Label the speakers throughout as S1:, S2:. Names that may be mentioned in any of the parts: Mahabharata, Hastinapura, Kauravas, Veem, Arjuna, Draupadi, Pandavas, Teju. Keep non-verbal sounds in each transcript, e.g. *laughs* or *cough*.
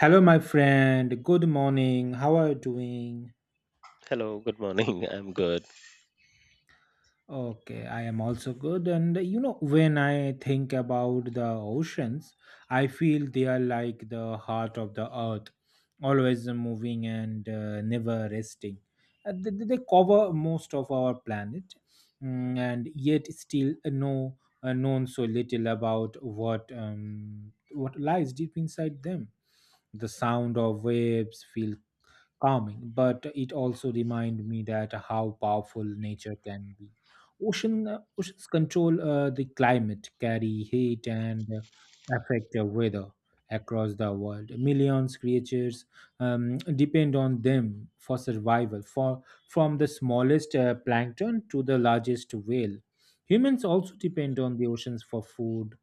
S1: Hello, my friend. Good morning. How are you doing?
S2: Hello, good morning. *laughs* I'm good.
S1: Okay, I am also good. And you know, when I think about the oceans, I feel they are like the heart of the earth, always moving and never resting. They cover most of our planet, and yet still know known so little about what lies deep inside them. The sound of waves feel calming, but it also reminded me that how powerful nature can be. Oceans control the climate, carry heat, and affect the weather across the world. Millions creatures um, depend on them for survival, for from the smallest plankton to the largest whale. Humans also depend on the oceans for food,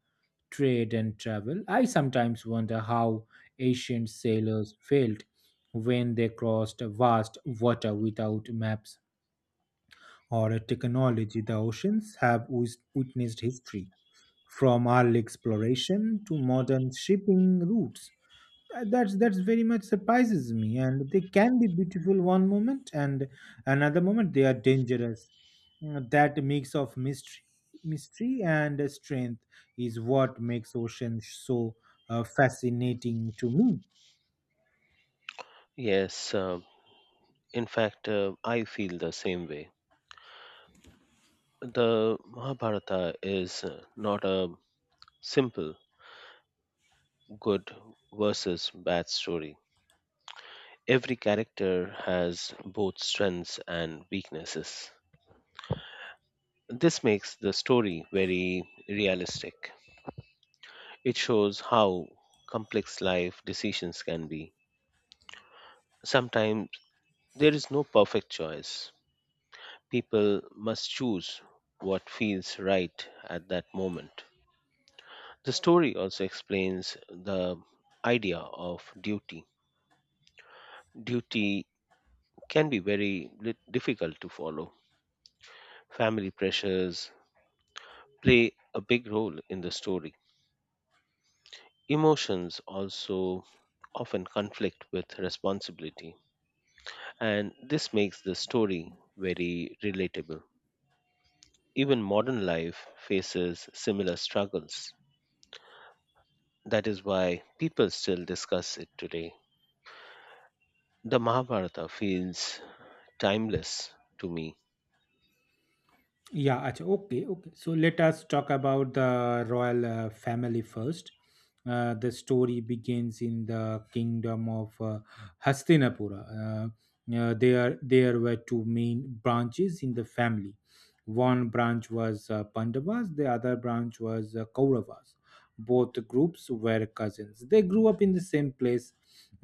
S1: trade and travel. I sometimes wonder how ancient sailors felt when they crossed vast water without maps or technology. The oceans have witnessed history, from early exploration to modern shipping routes. That's very much surprises me. And they can be beautiful one moment, and another moment they are dangerous. That mix of mystery and strength is what makes oceans so fascinating to me.
S2: Yes, in fact, I feel the same way. The Mahabharata is not a simple good versus bad story. Every character has both strengths and weaknesses. This makes the story very realistic. It shows how complex life decisions can be. Sometimes there is no perfect choice, people must choose what feels right at that moment. The story also explains the idea of duty. Duty can be very difficult to follow. Family pressures play a big role in the story. Emotions also often conflict with responsibility, and this makes the story very relatable. Even modern life faces similar struggles. That is why people still discuss it today. The Mahabharata feels timeless to me.
S1: Yeah, acha, okay, okay. So let us talk about the royal family first. The story begins in the kingdom of Hastinapura. There were two main branches in the family. One branch was Pandavas, the other branch was Kauravas. Both groups were cousins. They grew up in the same place.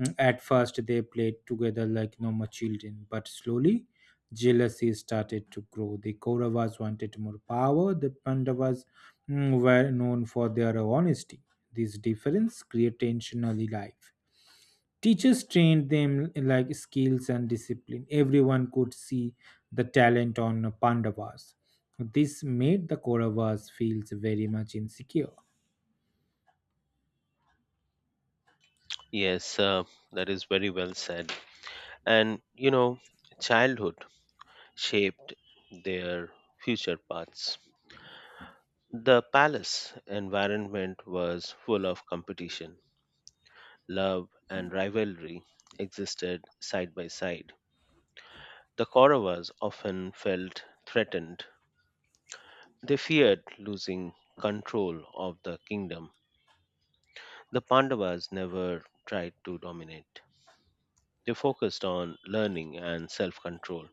S1: At first, they played together like normal children, but slowly jealousy started to grow. The Kauravas wanted more power, the Pandavas were known for their honesty. These differences create tension early life. Teachers trained them like skills and discipline. Everyone could see the talent on Pandavas. This made the Kauravas feel very much insecure.
S2: Yes, that is very well said. And you know, childhood shaped their future paths. The palace environment was full of competition, love, and rivalry existed side by side. The Kauravas often felt threatened. They feared losing control of the kingdom. The Pandavas never tried to dominate. They focused on learning and self control.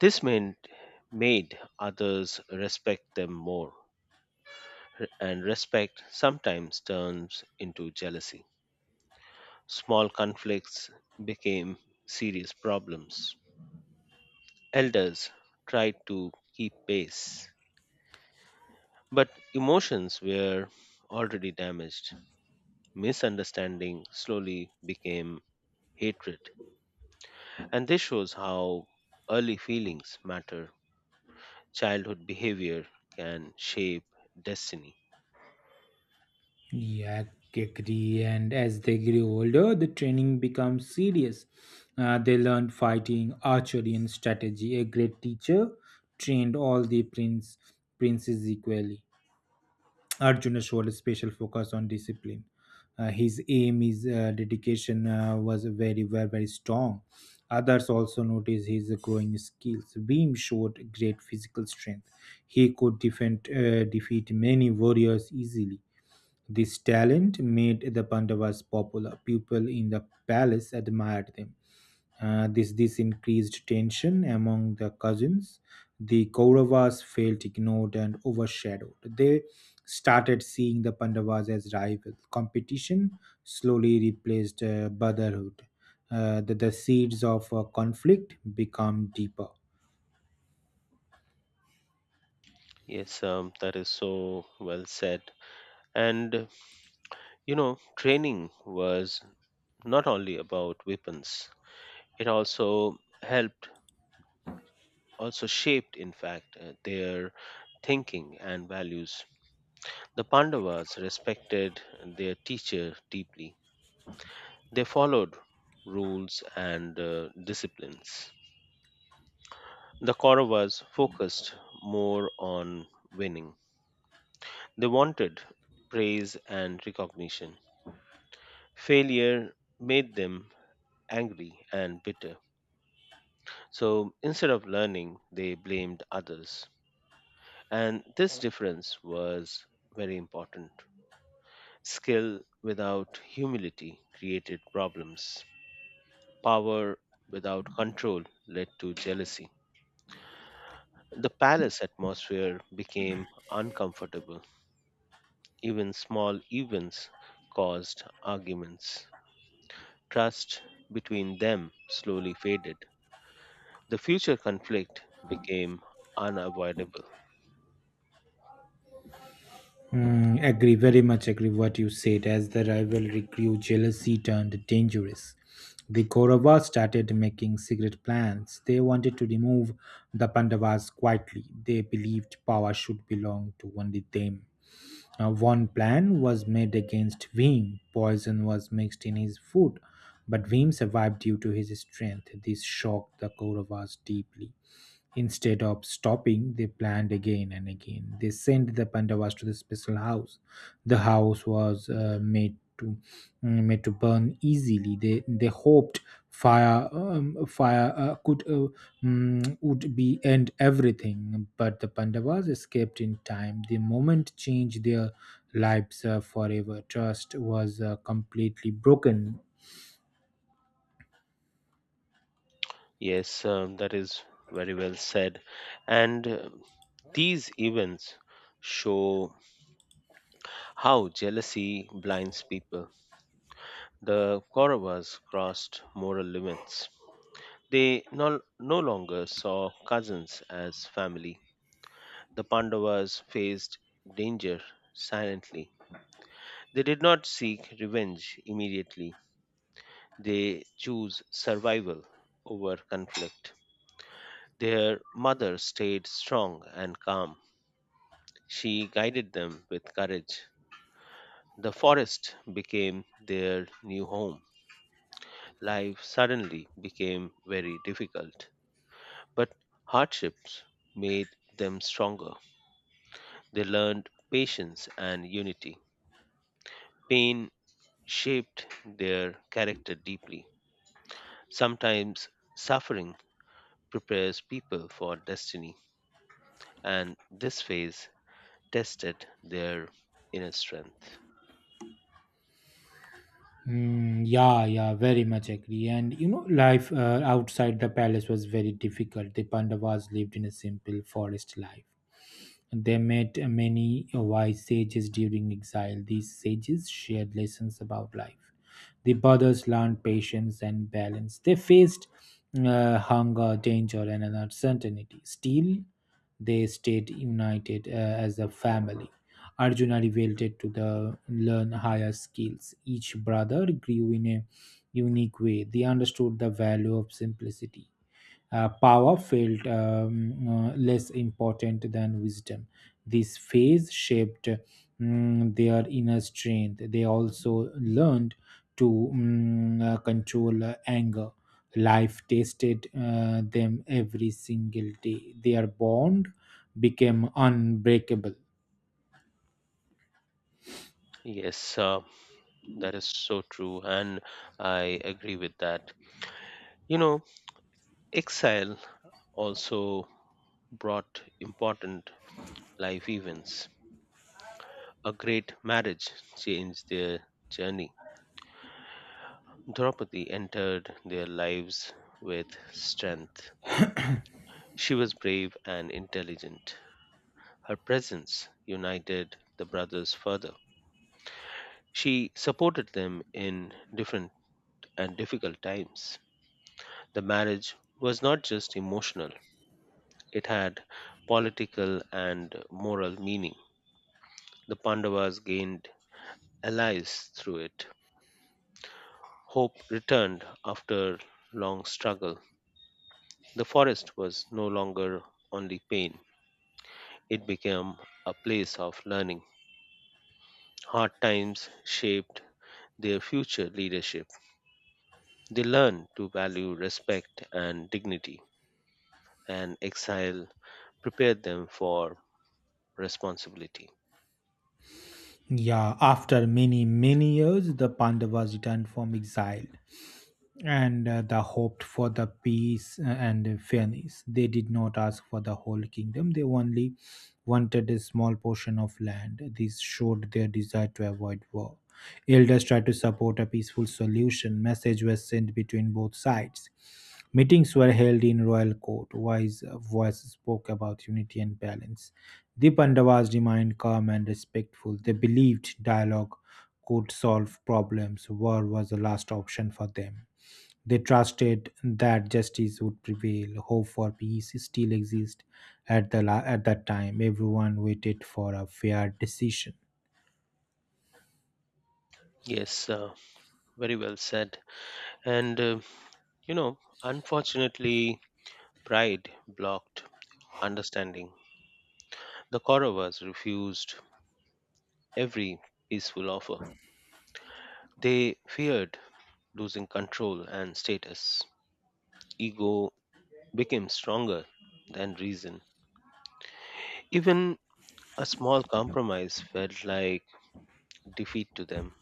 S2: This meant made others respect them more, and respect sometimes turns into jealousy. Small conflicts became serious problems. Elders tried to keep pace, but emotions were already damaged. Misunderstanding slowly became hatred. And this shows how early feelings matter. Childhood behavior can shape destiny.
S1: Yeah, agree. And as they grew older, the training becomes serious. They learned fighting, archery, and strategy. A great teacher trained all the princes equally. Arjuna showed a special focus on discipline. His dedication was very strong. Others also noticed his growing skills. Beam showed great physical strength. He could defeat many warriors easily. This talent made the Pandavas popular. People in the palace admired them. This increased tension among the cousins. The Kauravas felt ignored and overshadowed. They started seeing the Pandavas as rivals. Competition slowly replaced brotherhood. The seeds of conflict become deeper.
S2: Yes, that is so well said. And, you know, training was not only about weapons, it also helped, also shaped, in fact, their thinking and values. The Pandavas respected their teacher deeply, they followed rules and disciplines. The Kauravas focused more on winning. They wanted praise and recognition. Failure made them angry and bitter. So instead of learning, they blamed others. And this difference was very important. Skill without humility created problems, power without control led to jealousy. The palace atmosphere became uncomfortable. Even small events caused arguments. Trust between them slowly faded. The future conflict became unavoidable.
S1: Mm, agree, very much agree what you said. As the rivalry grew, jealousy turned dangerous. The Kauravas started making secret plans. They wanted to remove the Pandavas quietly. They believed power should belong to only them. Now, one plan was made against Veem. Poison was mixed in his food, but Veem survived due to his strength. This shocked the Kauravas deeply. Instead of stopping, they planned again and again. They sent the Pandavas to the special house. The house was made to burn easily. They hoped fire would be end everything. But the Pandavas escaped in time. The moment changed their lives forever. Trust was completely broken.
S2: Yes, that is very well said. And these events show how jealousy blinds people. The Kauravas crossed moral limits. They no longer saw cousins as family. The Pandavas faced danger silently. They did not seek revenge immediately, they chose survival over conflict. Their mother stayed strong and calm. She guided them with courage. The forest became their new home. Life suddenly became very difficult, but hardships made them stronger. They learned patience and unity. Pain shaped their character deeply. Sometimes suffering prepares people for destiny, and this phase tested their inner strength.
S1: Mm, yeah, very much agree. And you know, life outside the palace was very difficult. The Pandavas lived in a simple forest life. They met many wise sages during exile. These sages shared lessons about life. The brothers learned patience and balance. They faced hunger, danger, and uncertainty. Still, they stayed united as a family. Arjuna revolted to the learn higher skills. Each brother grew in a unique way. They understood the value of simplicity. Power felt less important than wisdom. This phase shaped their inner strength. They also learned to control anger. Life tested them every single day. Their bond became unbreakable.
S2: Yes, that is so true, and I agree with that. You know, exile also brought important life events. A great marriage changed their journey. Draupadi entered their lives with strength. She was brave and intelligent. Her presence united the brothers further. She supported them in different and difficult times. The marriage was not just emotional, it had political and moral meaning. The Pandavas gained allies through it. Hope returned after long struggle. The forest was no longer only pain, it became a place of learning. Hard times shaped their future leadership. They learned to value respect and dignity, and exile prepare them for responsibility.
S1: Yeah, after many years, the Pandavas returned from exile, and they hoped for the peace and fairness. They did not ask for the whole kingdom, they only wanted a small portion of land. This showed their desire to avoid war. Elders tried to support a peaceful solution. Message was sent between both sides. Meetings were held in royal court. Wise voices spoke about unity and balance. The Pandavas remained calm and respectful. They believed dialogue could solve problems. War was the last option for them. They trusted that justice would prevail. Hope for peace still exists at at that time. Everyone waited for a fair decision.
S2: Yes, very well said. And, you know, unfortunately, pride blocked understanding. The Kauravas refused every peaceful offer. They feared losing control and status. Ego became stronger than reason. Even a small compromise felt like defeat to them.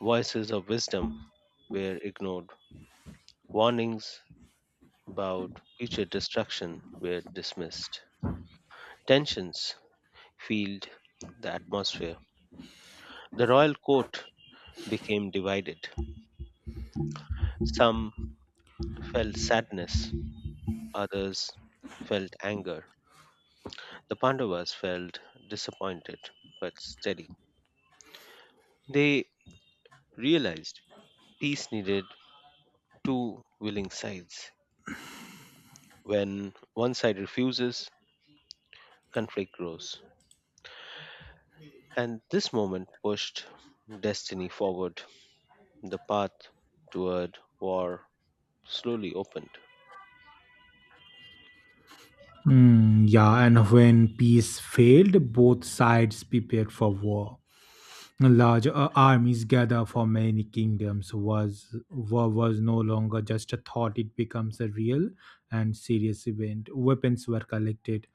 S2: Voices of wisdom were ignored. Warnings about future destruction were dismissed. Tensions filled the atmosphere. The royal court became divided. Some felt sadness, others felt anger. The Pandavas felt disappointed but steady. They realized peace needed two willing sides. When one side refuses, conflict grows. And this moment pushed destiny forward. The path toward war slowly opened.
S1: Mm, yeah, and when peace failed, both sides prepared for war. Large armies gather for many kingdoms was war was no longer just a thought; it becomes a real and serious event. Weapons were collected,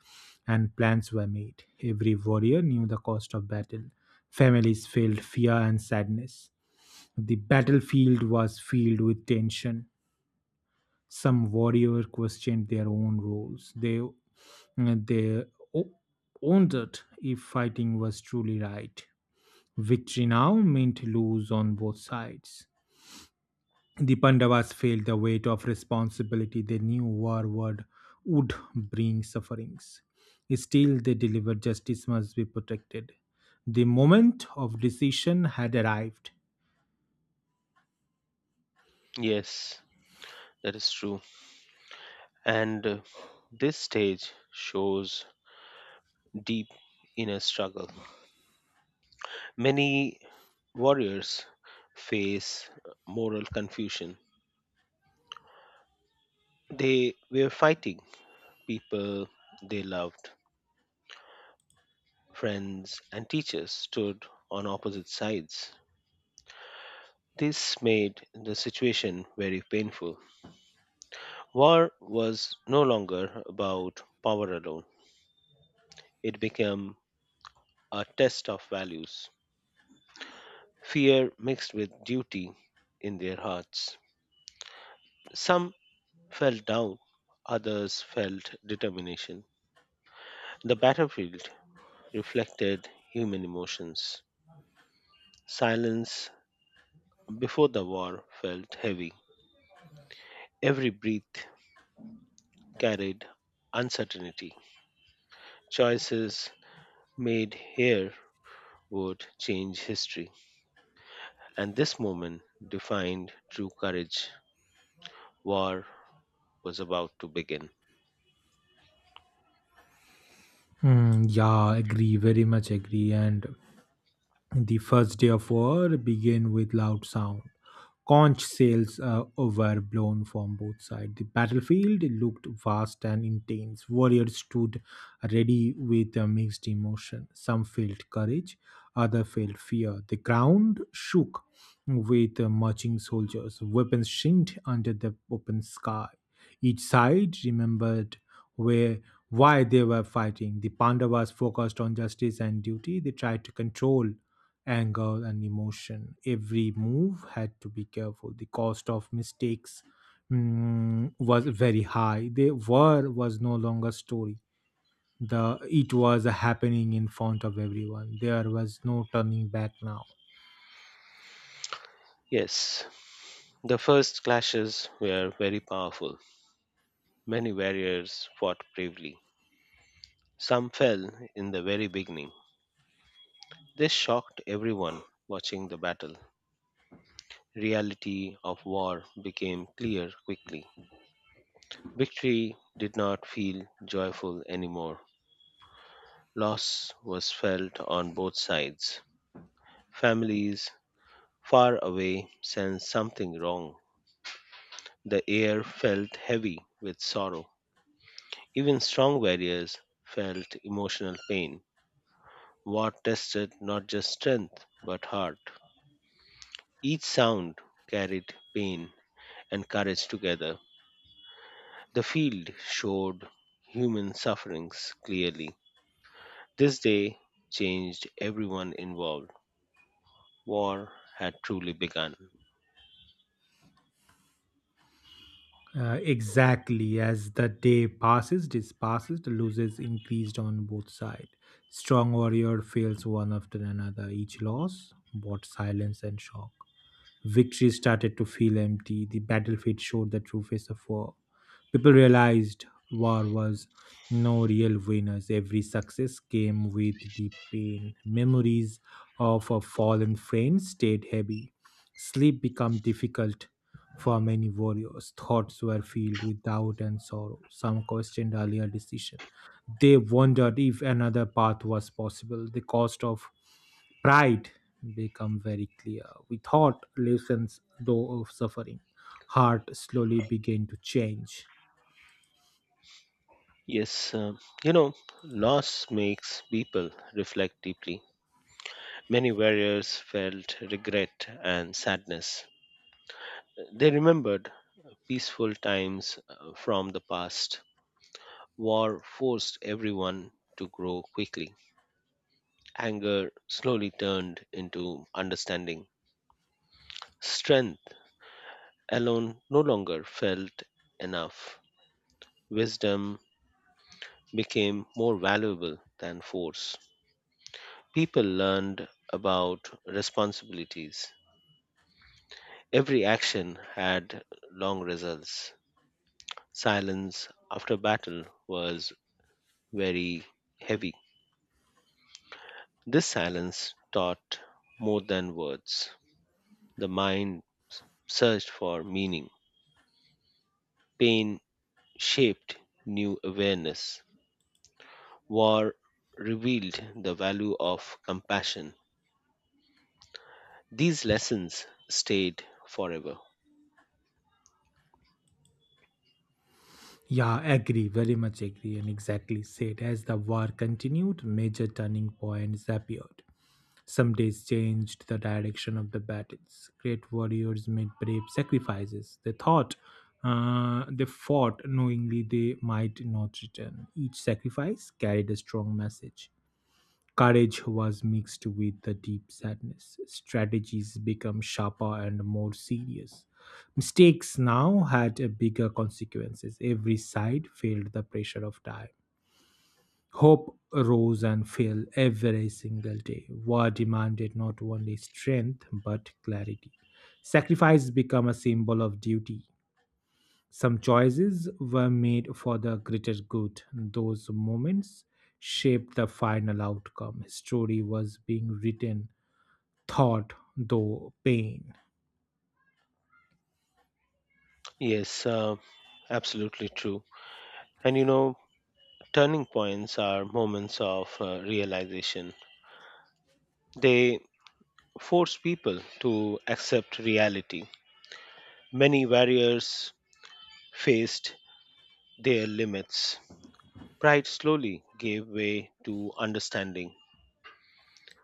S1: and plans were made. Every warrior knew the cost of battle. Families felt fear and sadness. The battlefield was filled with tension. Some warriors questioned their own roles. They o- Wondered if fighting was truly right victory now meant lose on both sides. The Pandavas felt the weight of responsibility they knew war would bring sufferings. Still, they delivered justice must be protected. The moment of decision had arrived.
S2: Yes, that is true. And this stage shows deep inner struggle. Many warriors face moral confusion. They were fighting people they loved, friends, and teachers stood on opposite sides. This made the situation very painful. War was no longer about power alone, it became a test of values. Fear mixed with duty in their hearts. Some felt doubt, others felt determination. The battlefield reflected human emotions. Silence before the war felt heavy. Every breath carried uncertainty. Choices made here would change history, and this moment defined true courage. War was about to begin.
S1: Hmm, yeah, agree, very much agree. And the first day of war began with loud sound. Conch sails were blown from both sides. The battlefield looked vast and intense. Warriors stood ready with a mixed emotion. Some felt courage, others felt fear. The ground shook with marching soldiers. Weapons shined under the open sky. Each side remembered where why they were fighting. The Pandavas focused on justice and duty. They tried to control anger and emotion. Every move had to be careful. The cost of mistakes was very high. The war was no longer story. The It was happening in front of everyone. There was no turning back now.
S2: Yes, the first clashes were very powerful. Many warriors fought bravely. Some fell in the very beginning. This shocked everyone watching the battle. Reality of war became clear quickly. Victory did not feel joyful anymore. Loss was felt on both sides. Families far away sensed something wrong. The air felt heavy with sorrow. Even strong warriors felt emotional pain. War tested not just strength but heart. Each sound carried pain and courage together. The field showed human sufferings clearly. This day changed everyone involved. War had truly begun.
S1: Exactly as this passes, the losses increased on both sides. Strong warrior fails one after another. Each loss brought silence and shock. Victory started to feel empty. The battlefield showed the true face of war. People realized war was no real winners. Every success came with deep pain. Memories of a fallen friend stayed heavy. Sleep became difficult for many warriors. Thoughts were filled with doubt and sorrow. Some questioned earlier decisions they wondered if another path was possible. The cost of pride become very clear. We thought lessons though of suffering. Heart slowly began to change.
S2: Yes, you know, loss makes people reflect deeply. Many warriors felt regret and sadness. They remembered peaceful times from the past. War forced everyone to grow quickly. Anger slowly turned into understanding. Strength alone no longer felt enough. Wisdom became more valuable than force. People learned about responsibilities. Every action had long results. Silence after battle was very heavy. This silence taught more than words. The mind searched for meaning. Pain shaped new awareness. War revealed the value of compassion. These lessons stayed forever.
S1: Yeah, agree, very much agree, and exactly said. As the war continued, major turning points appeared. Some days changed the direction of the battles. Great warriors made brave sacrifices. They fought knowingly they might not return. Each sacrifice carried a strong message. Courage was mixed with the deep sadness. Strategies became sharper and more serious. Mistakes now had a bigger consequences. Every side felt the pressure of time. Hope rose and fell every single day. War demanded not only strength but clarity. Sacrifice became a symbol of duty. Some choices were made for the greater good. Those moments shaped the final outcome. Story was being written, thought though pain.
S2: Yes, absolutely true. And you know, turning points are moments of realization. They force people to accept reality. Many warriors faced their limits. Pride slowly gave way to understanding.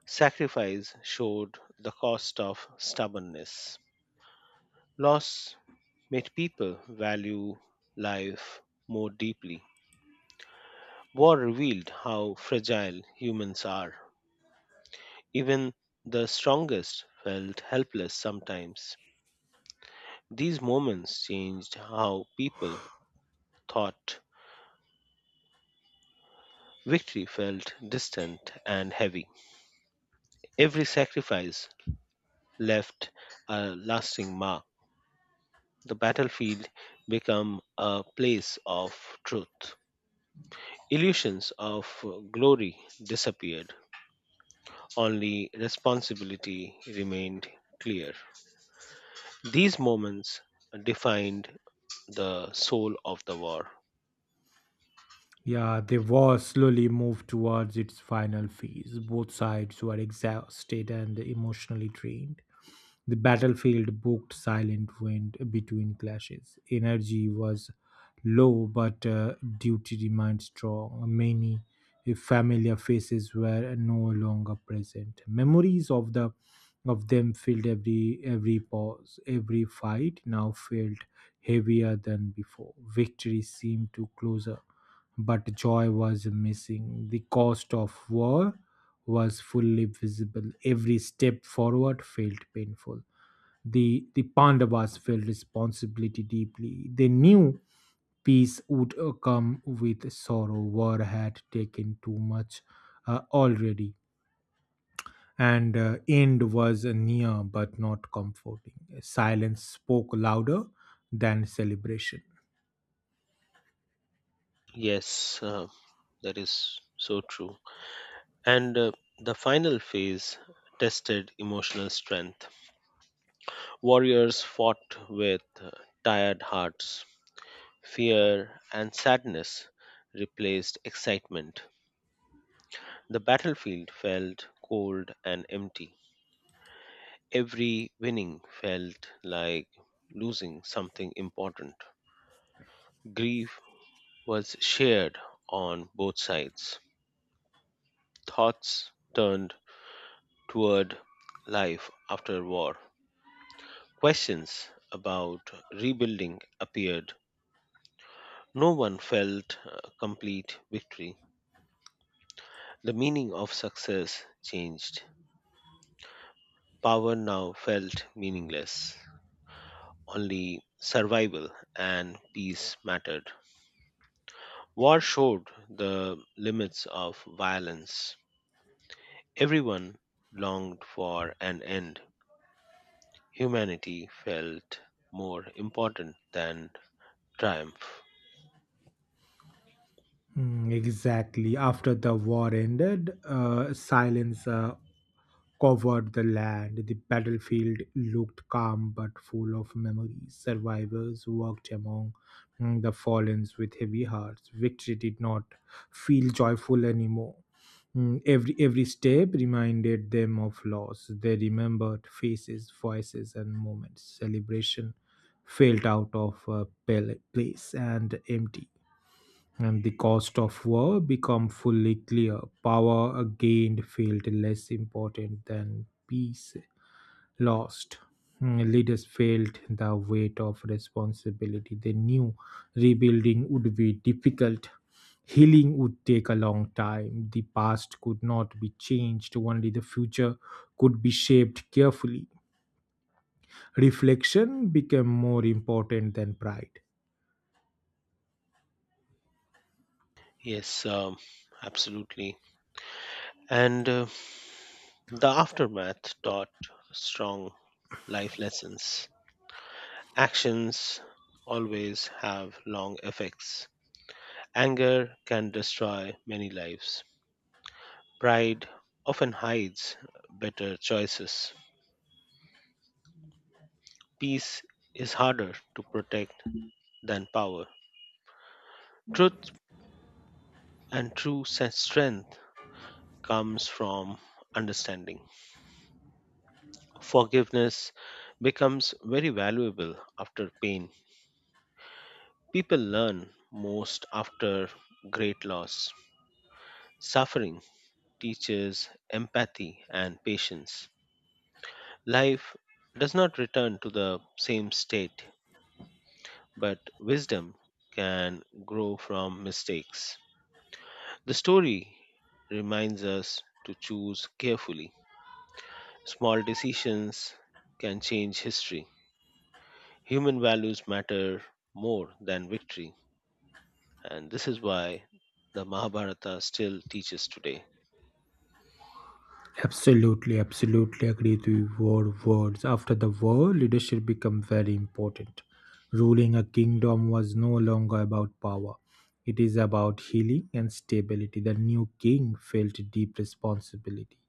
S2: Sacrifice showed the cost of stubbornness. Loss made people value life more deeply. War revealed how fragile humans are. Even the strongest felt helpless sometimes. These moments changed how people thought. Victory felt distant and heavy. Every sacrifice left a lasting mark. The battlefield become a place of truth. Illusions of glory disappeared, only responsibility remained clear. These moments defined the soul of the war.
S1: Yeah, the war slowly moved towards its final phase. Both sides were exhausted and emotionally drained. The battlefield booked silent went between clashes. Energy was low, but duty remained strong. Many familiar faces were no longer present. Memories of the of them filled every pause. Every fight now felt heavier than before. Victory seemed to closer, but joy was missing. The cost of war was fully visible. Every step forward felt painful. The Pandavas felt responsibility deeply. They knew peace would come with sorrow. War had taken too much already, and end was near but not comforting. Silence spoke louder than celebration.
S2: Yes, that is so true. And the final phase tested emotional strength. Warriors fought with tired hearts. Fear and sadness replaced excitement. The battlefield felt cold and empty. Every winning felt like losing something important. Grief was shared on both sides. Thoughts turned toward life after war. Questions about rebuilding appeared. No one felt a complete victory. The meaning of success changed. Power now felt meaningless. Only survival and peace mattered. War showed the limits of violence. Everyone longed for an end. Humanity felt more important than triumph.
S1: Mm, exactly. After the war ended, silence covered the land. The battlefield looked calm but full of memories. Survivors walked among the fallen with heavy hearts. Victory did not feel joyful anymore. Mm, every step reminded them of loss. They remembered faces, voices, and moments. Celebration felt out of pale place and empty and the cost of war become fully clear. Power gained felt less important than peace lost. Mm, Leaders felt the weight of responsibility. They knew rebuilding would be difficult. Healing would take a long time. The past could not be changed, only the future could be shaped carefully. Reflection became more important than pride.
S2: Yes, absolutely. And the aftermath taught strong life lessons. Actions always have long effects. Anger can destroy many lives. Pride often hides better choices. Peace is harder to protect than power. Truth and true strength comes from understanding. Forgiveness becomes very valuable after pain. People learn most after great loss. Suffering teaches empathy and patience. Life does not return to the same state but wisdom can grow from mistakes. The story reminds us to choose carefully. Small decisions can change history. Human values matter more than victory, and this is why the Mahabharata still teaches today.
S1: Absolutely agree to your words. After the war, leadership became very important. Ruling a kingdom was no longer about power. It is about healing and stability. The new king felt deep responsibility.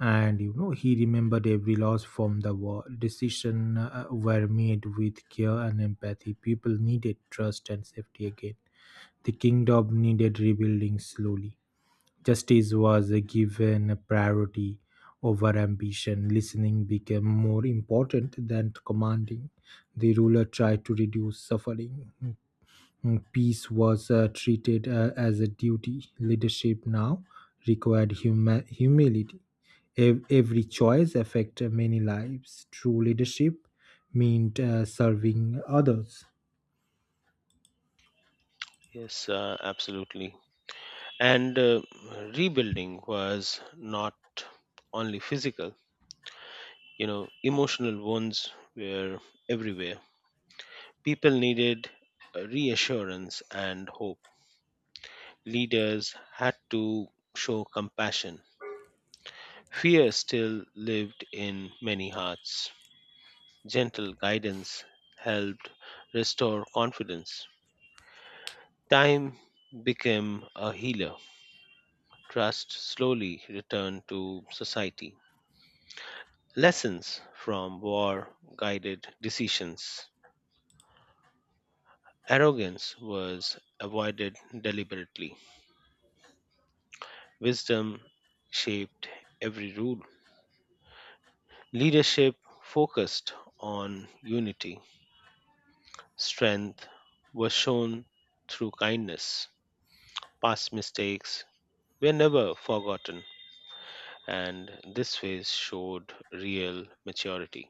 S1: And you know, he remembered every loss from the war. Decisions were made with care and empathy. People needed trust and safety again. The kingdom needed rebuilding slowly. Justice was given priority over ambition. Listening became more important than commanding. The ruler tried to reduce suffering. Peace was treated as a duty. Leadership now required humility. Every choice affected many lives. True leadership meant serving others.
S2: Yes, absolutely. And rebuilding was not only physical, you know, emotional wounds were everywhere. People needed reassurance and hope. Leaders had to show compassion. Fear still lived in many hearts. Gentle guidance helped restore confidence. Time became a healer. Trust slowly returned to society. Lessons from war guided decisions. Arrogance was avoided deliberately. Wisdom shaped every rule. Leadership focused on unity. Strength was shown through kindness. Past mistakes were never forgotten, and this phase showed real maturity.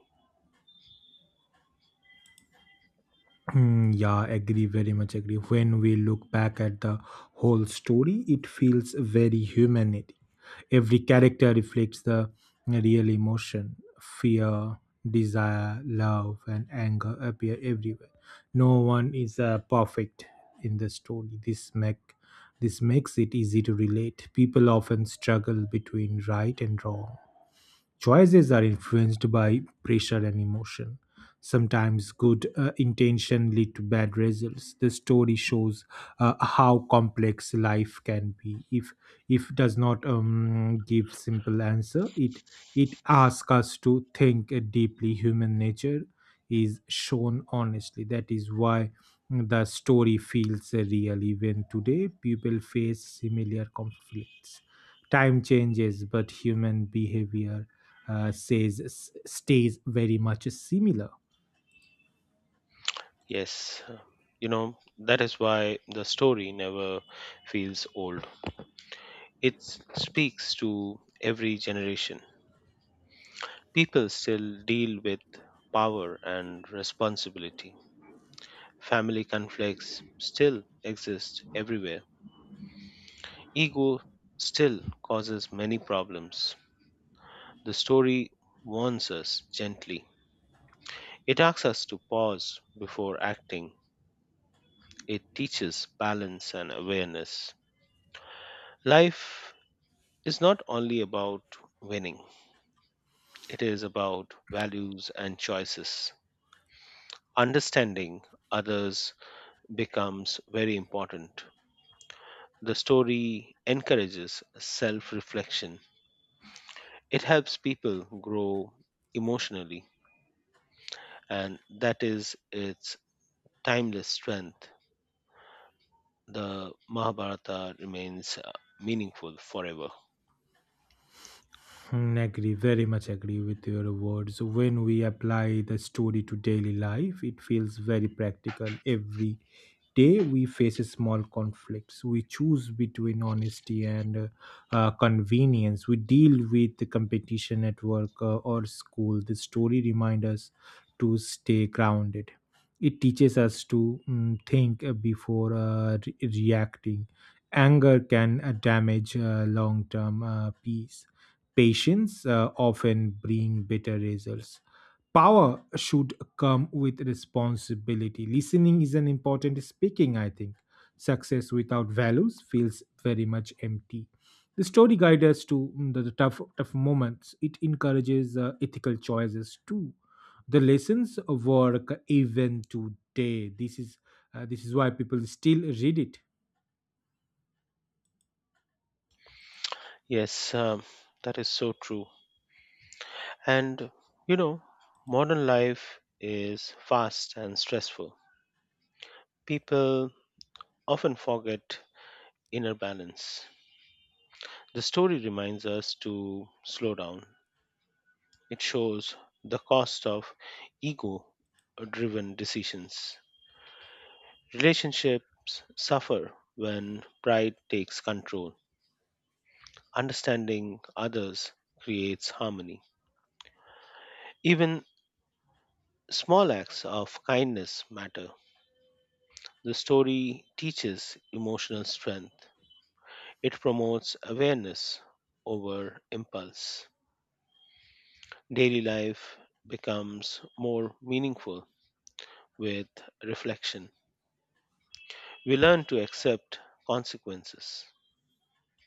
S1: Hmm, yeah, agree, very much agree. When we look back at the whole story, it feels very human. Every character reflects the real emotion. Fear, desire, love, and anger appear everywhere. No one is perfect in the story. This makes it easy to relate. People often struggle between right and wrong. Choices are influenced by pressure and emotion. Sometimes good intention lead to bad results. The story shows how complex life can be. If does not give simple answer, it asks us to think deeply. Human nature is shown honestly. That is why the story feels real. Even today, people face similar conflicts. Time changes, but human behavior says, stays very much similar.
S2: Yes, you know, that is why the story never feels old. It speaks to every generation. People still deal with power and responsibility. Family conflicts still exist everywhere. Ego still causes many problems. The story warns us gently. It asks us to pause before acting. It teaches balance and awareness. Life is not only about winning, it is about values and choices. Understanding others becomes very important. The story encourages self reflection, it helps people grow emotionally, and that is its timeless strength. The Mahabharata remains meaningful forever.
S1: Hmm, agree, very much agree with your words. When we apply the story to daily life, it feels very practical. Every day we face small conflicts. We choose between honesty and convenience. We deal with the competition at work or school. The story reminds us to stay grounded. It teaches us to think before reacting. Anger can damage long term peace. Patience often bring better results. Power should come with responsibility. Listening is an important speaking, I think. Success without values feels very much empty. The story guides us to the tough moments. It encourages ethical choices too. The lessons work even today. This is why people still read it.
S2: Yes, that is so true. And you know, modern life is fast and stressful. People often forget inner balance. The story reminds us to slow down. It shows the cost of ego driven decisions. Relationships suffer when pride takes control. Understanding others creates harmony. Even small acts of kindness matter. The story teaches emotional strength, it promotes awareness over impulse. Daily life becomes more meaningful with reflection. We learn to accept consequences.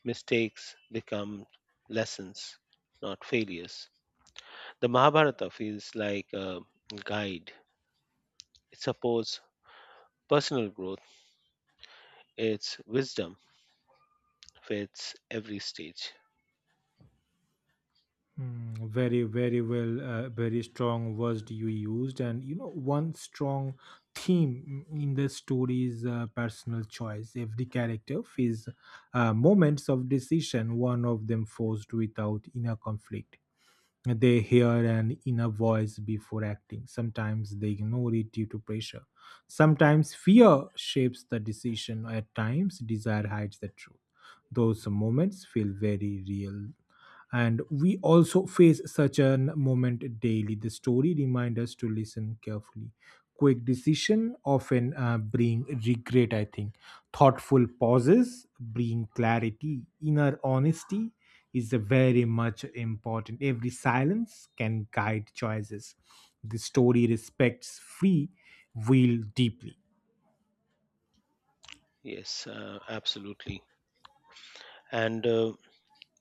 S2: Mistakes become lessons, not failures. The Mahabharata feels like a guide, it supports personal growth. It's wisdom fits every stage.
S1: Hmm, very, very well, very strong words you used. And you know, one strong theme in the story is personal choice. Every character faces moments of decision, one of them forced without inner conflict. They hear an inner voice before acting. Sometimes they ignore it due to pressure. Sometimes fear shapes the decision. At times, desire hides the truth. Those moments feel very real. And we also face such a moment daily. The story reminds us to listen carefully. Quick decision often bring regret, I think. Thoughtful pauses bring clarity. Inner honesty is a very much important. Every silence can guide choices. The story respects free will deeply.
S2: Yes, absolutely. And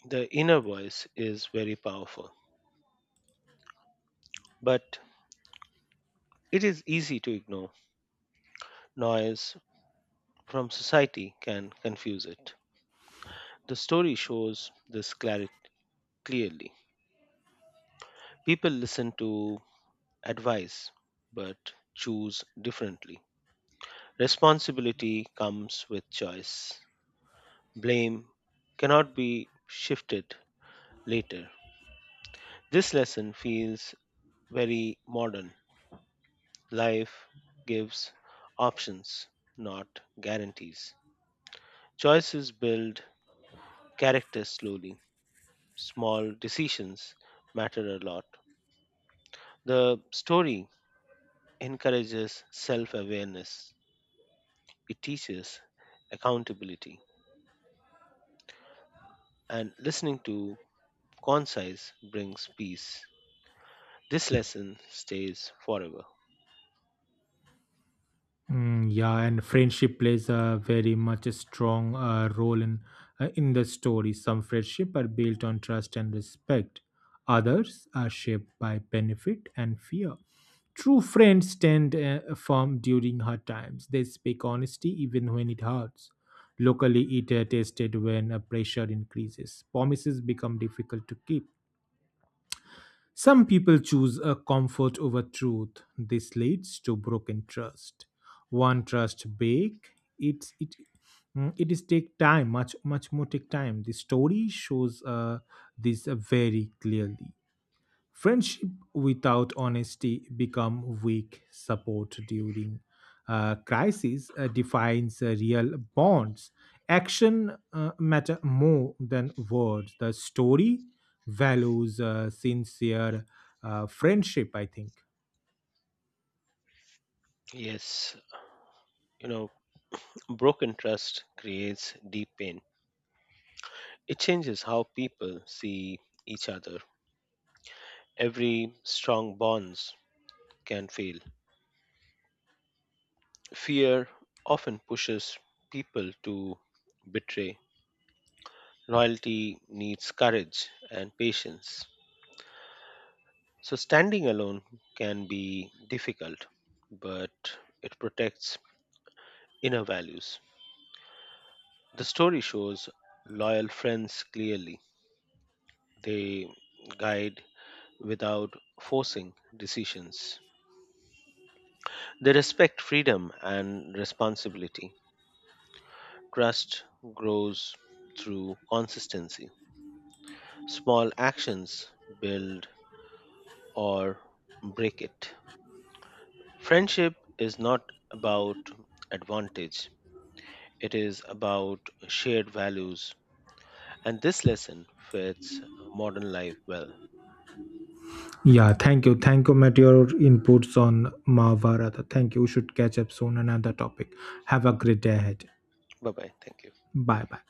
S2: the inner voice is very powerful, but it is easy to ignore. Noise from society can confuse it. The story shows this clarity clearly. People listen to advice but choose differently. Responsibility comes with choice. Blame cannot be shifted later. This lesson feels very modern. Life gives options, not guarantees. Choices build character slowly. Small decisions matter a lot. The story encourages self awareness, it teaches accountability, and listening to concise brings peace. This lesson stays forever.
S1: Mm, yeah, and friendship plays a very much a strong role in the story. Some friendship are built on trust and respect. Others are shaped by benefit and fear. True friends tend form during hard times. They speak honesty even when it hurts. Locally, it tested when pressure increases. Promises become difficult to keep. Some people choose a comfort over truth. This leads to broken trust. One trust break, it's it it is take time, much more take time. The story shows this very clearly. Friendship without honesty become weak. Support during crisis defines real bonds. Action matter more than words. The story values sincere friendship. I think.
S2: Yes, you know, broken trust creates deep pain. It changes how people see each other. Every strong bonds can fail. Fear often pushes people to betray. Loyalty needs courage and patience. So standing alone can be difficult, but it protects inner values. The story shows loyal friends clearly. They guide without forcing decisions. They respect freedom and responsibility. Trust grows through consistency. Small actions build or break it. Friendship is not about advantage, it is about shared values. And this lesson fits modern life well.
S1: Yeah. Thank you. Thank you, Matt. Your inputs on Mahabharata. Thank you. We should catch up soon. Another topic. Have a great day ahead.
S2: Bye bye. Thank you.
S1: Bye bye.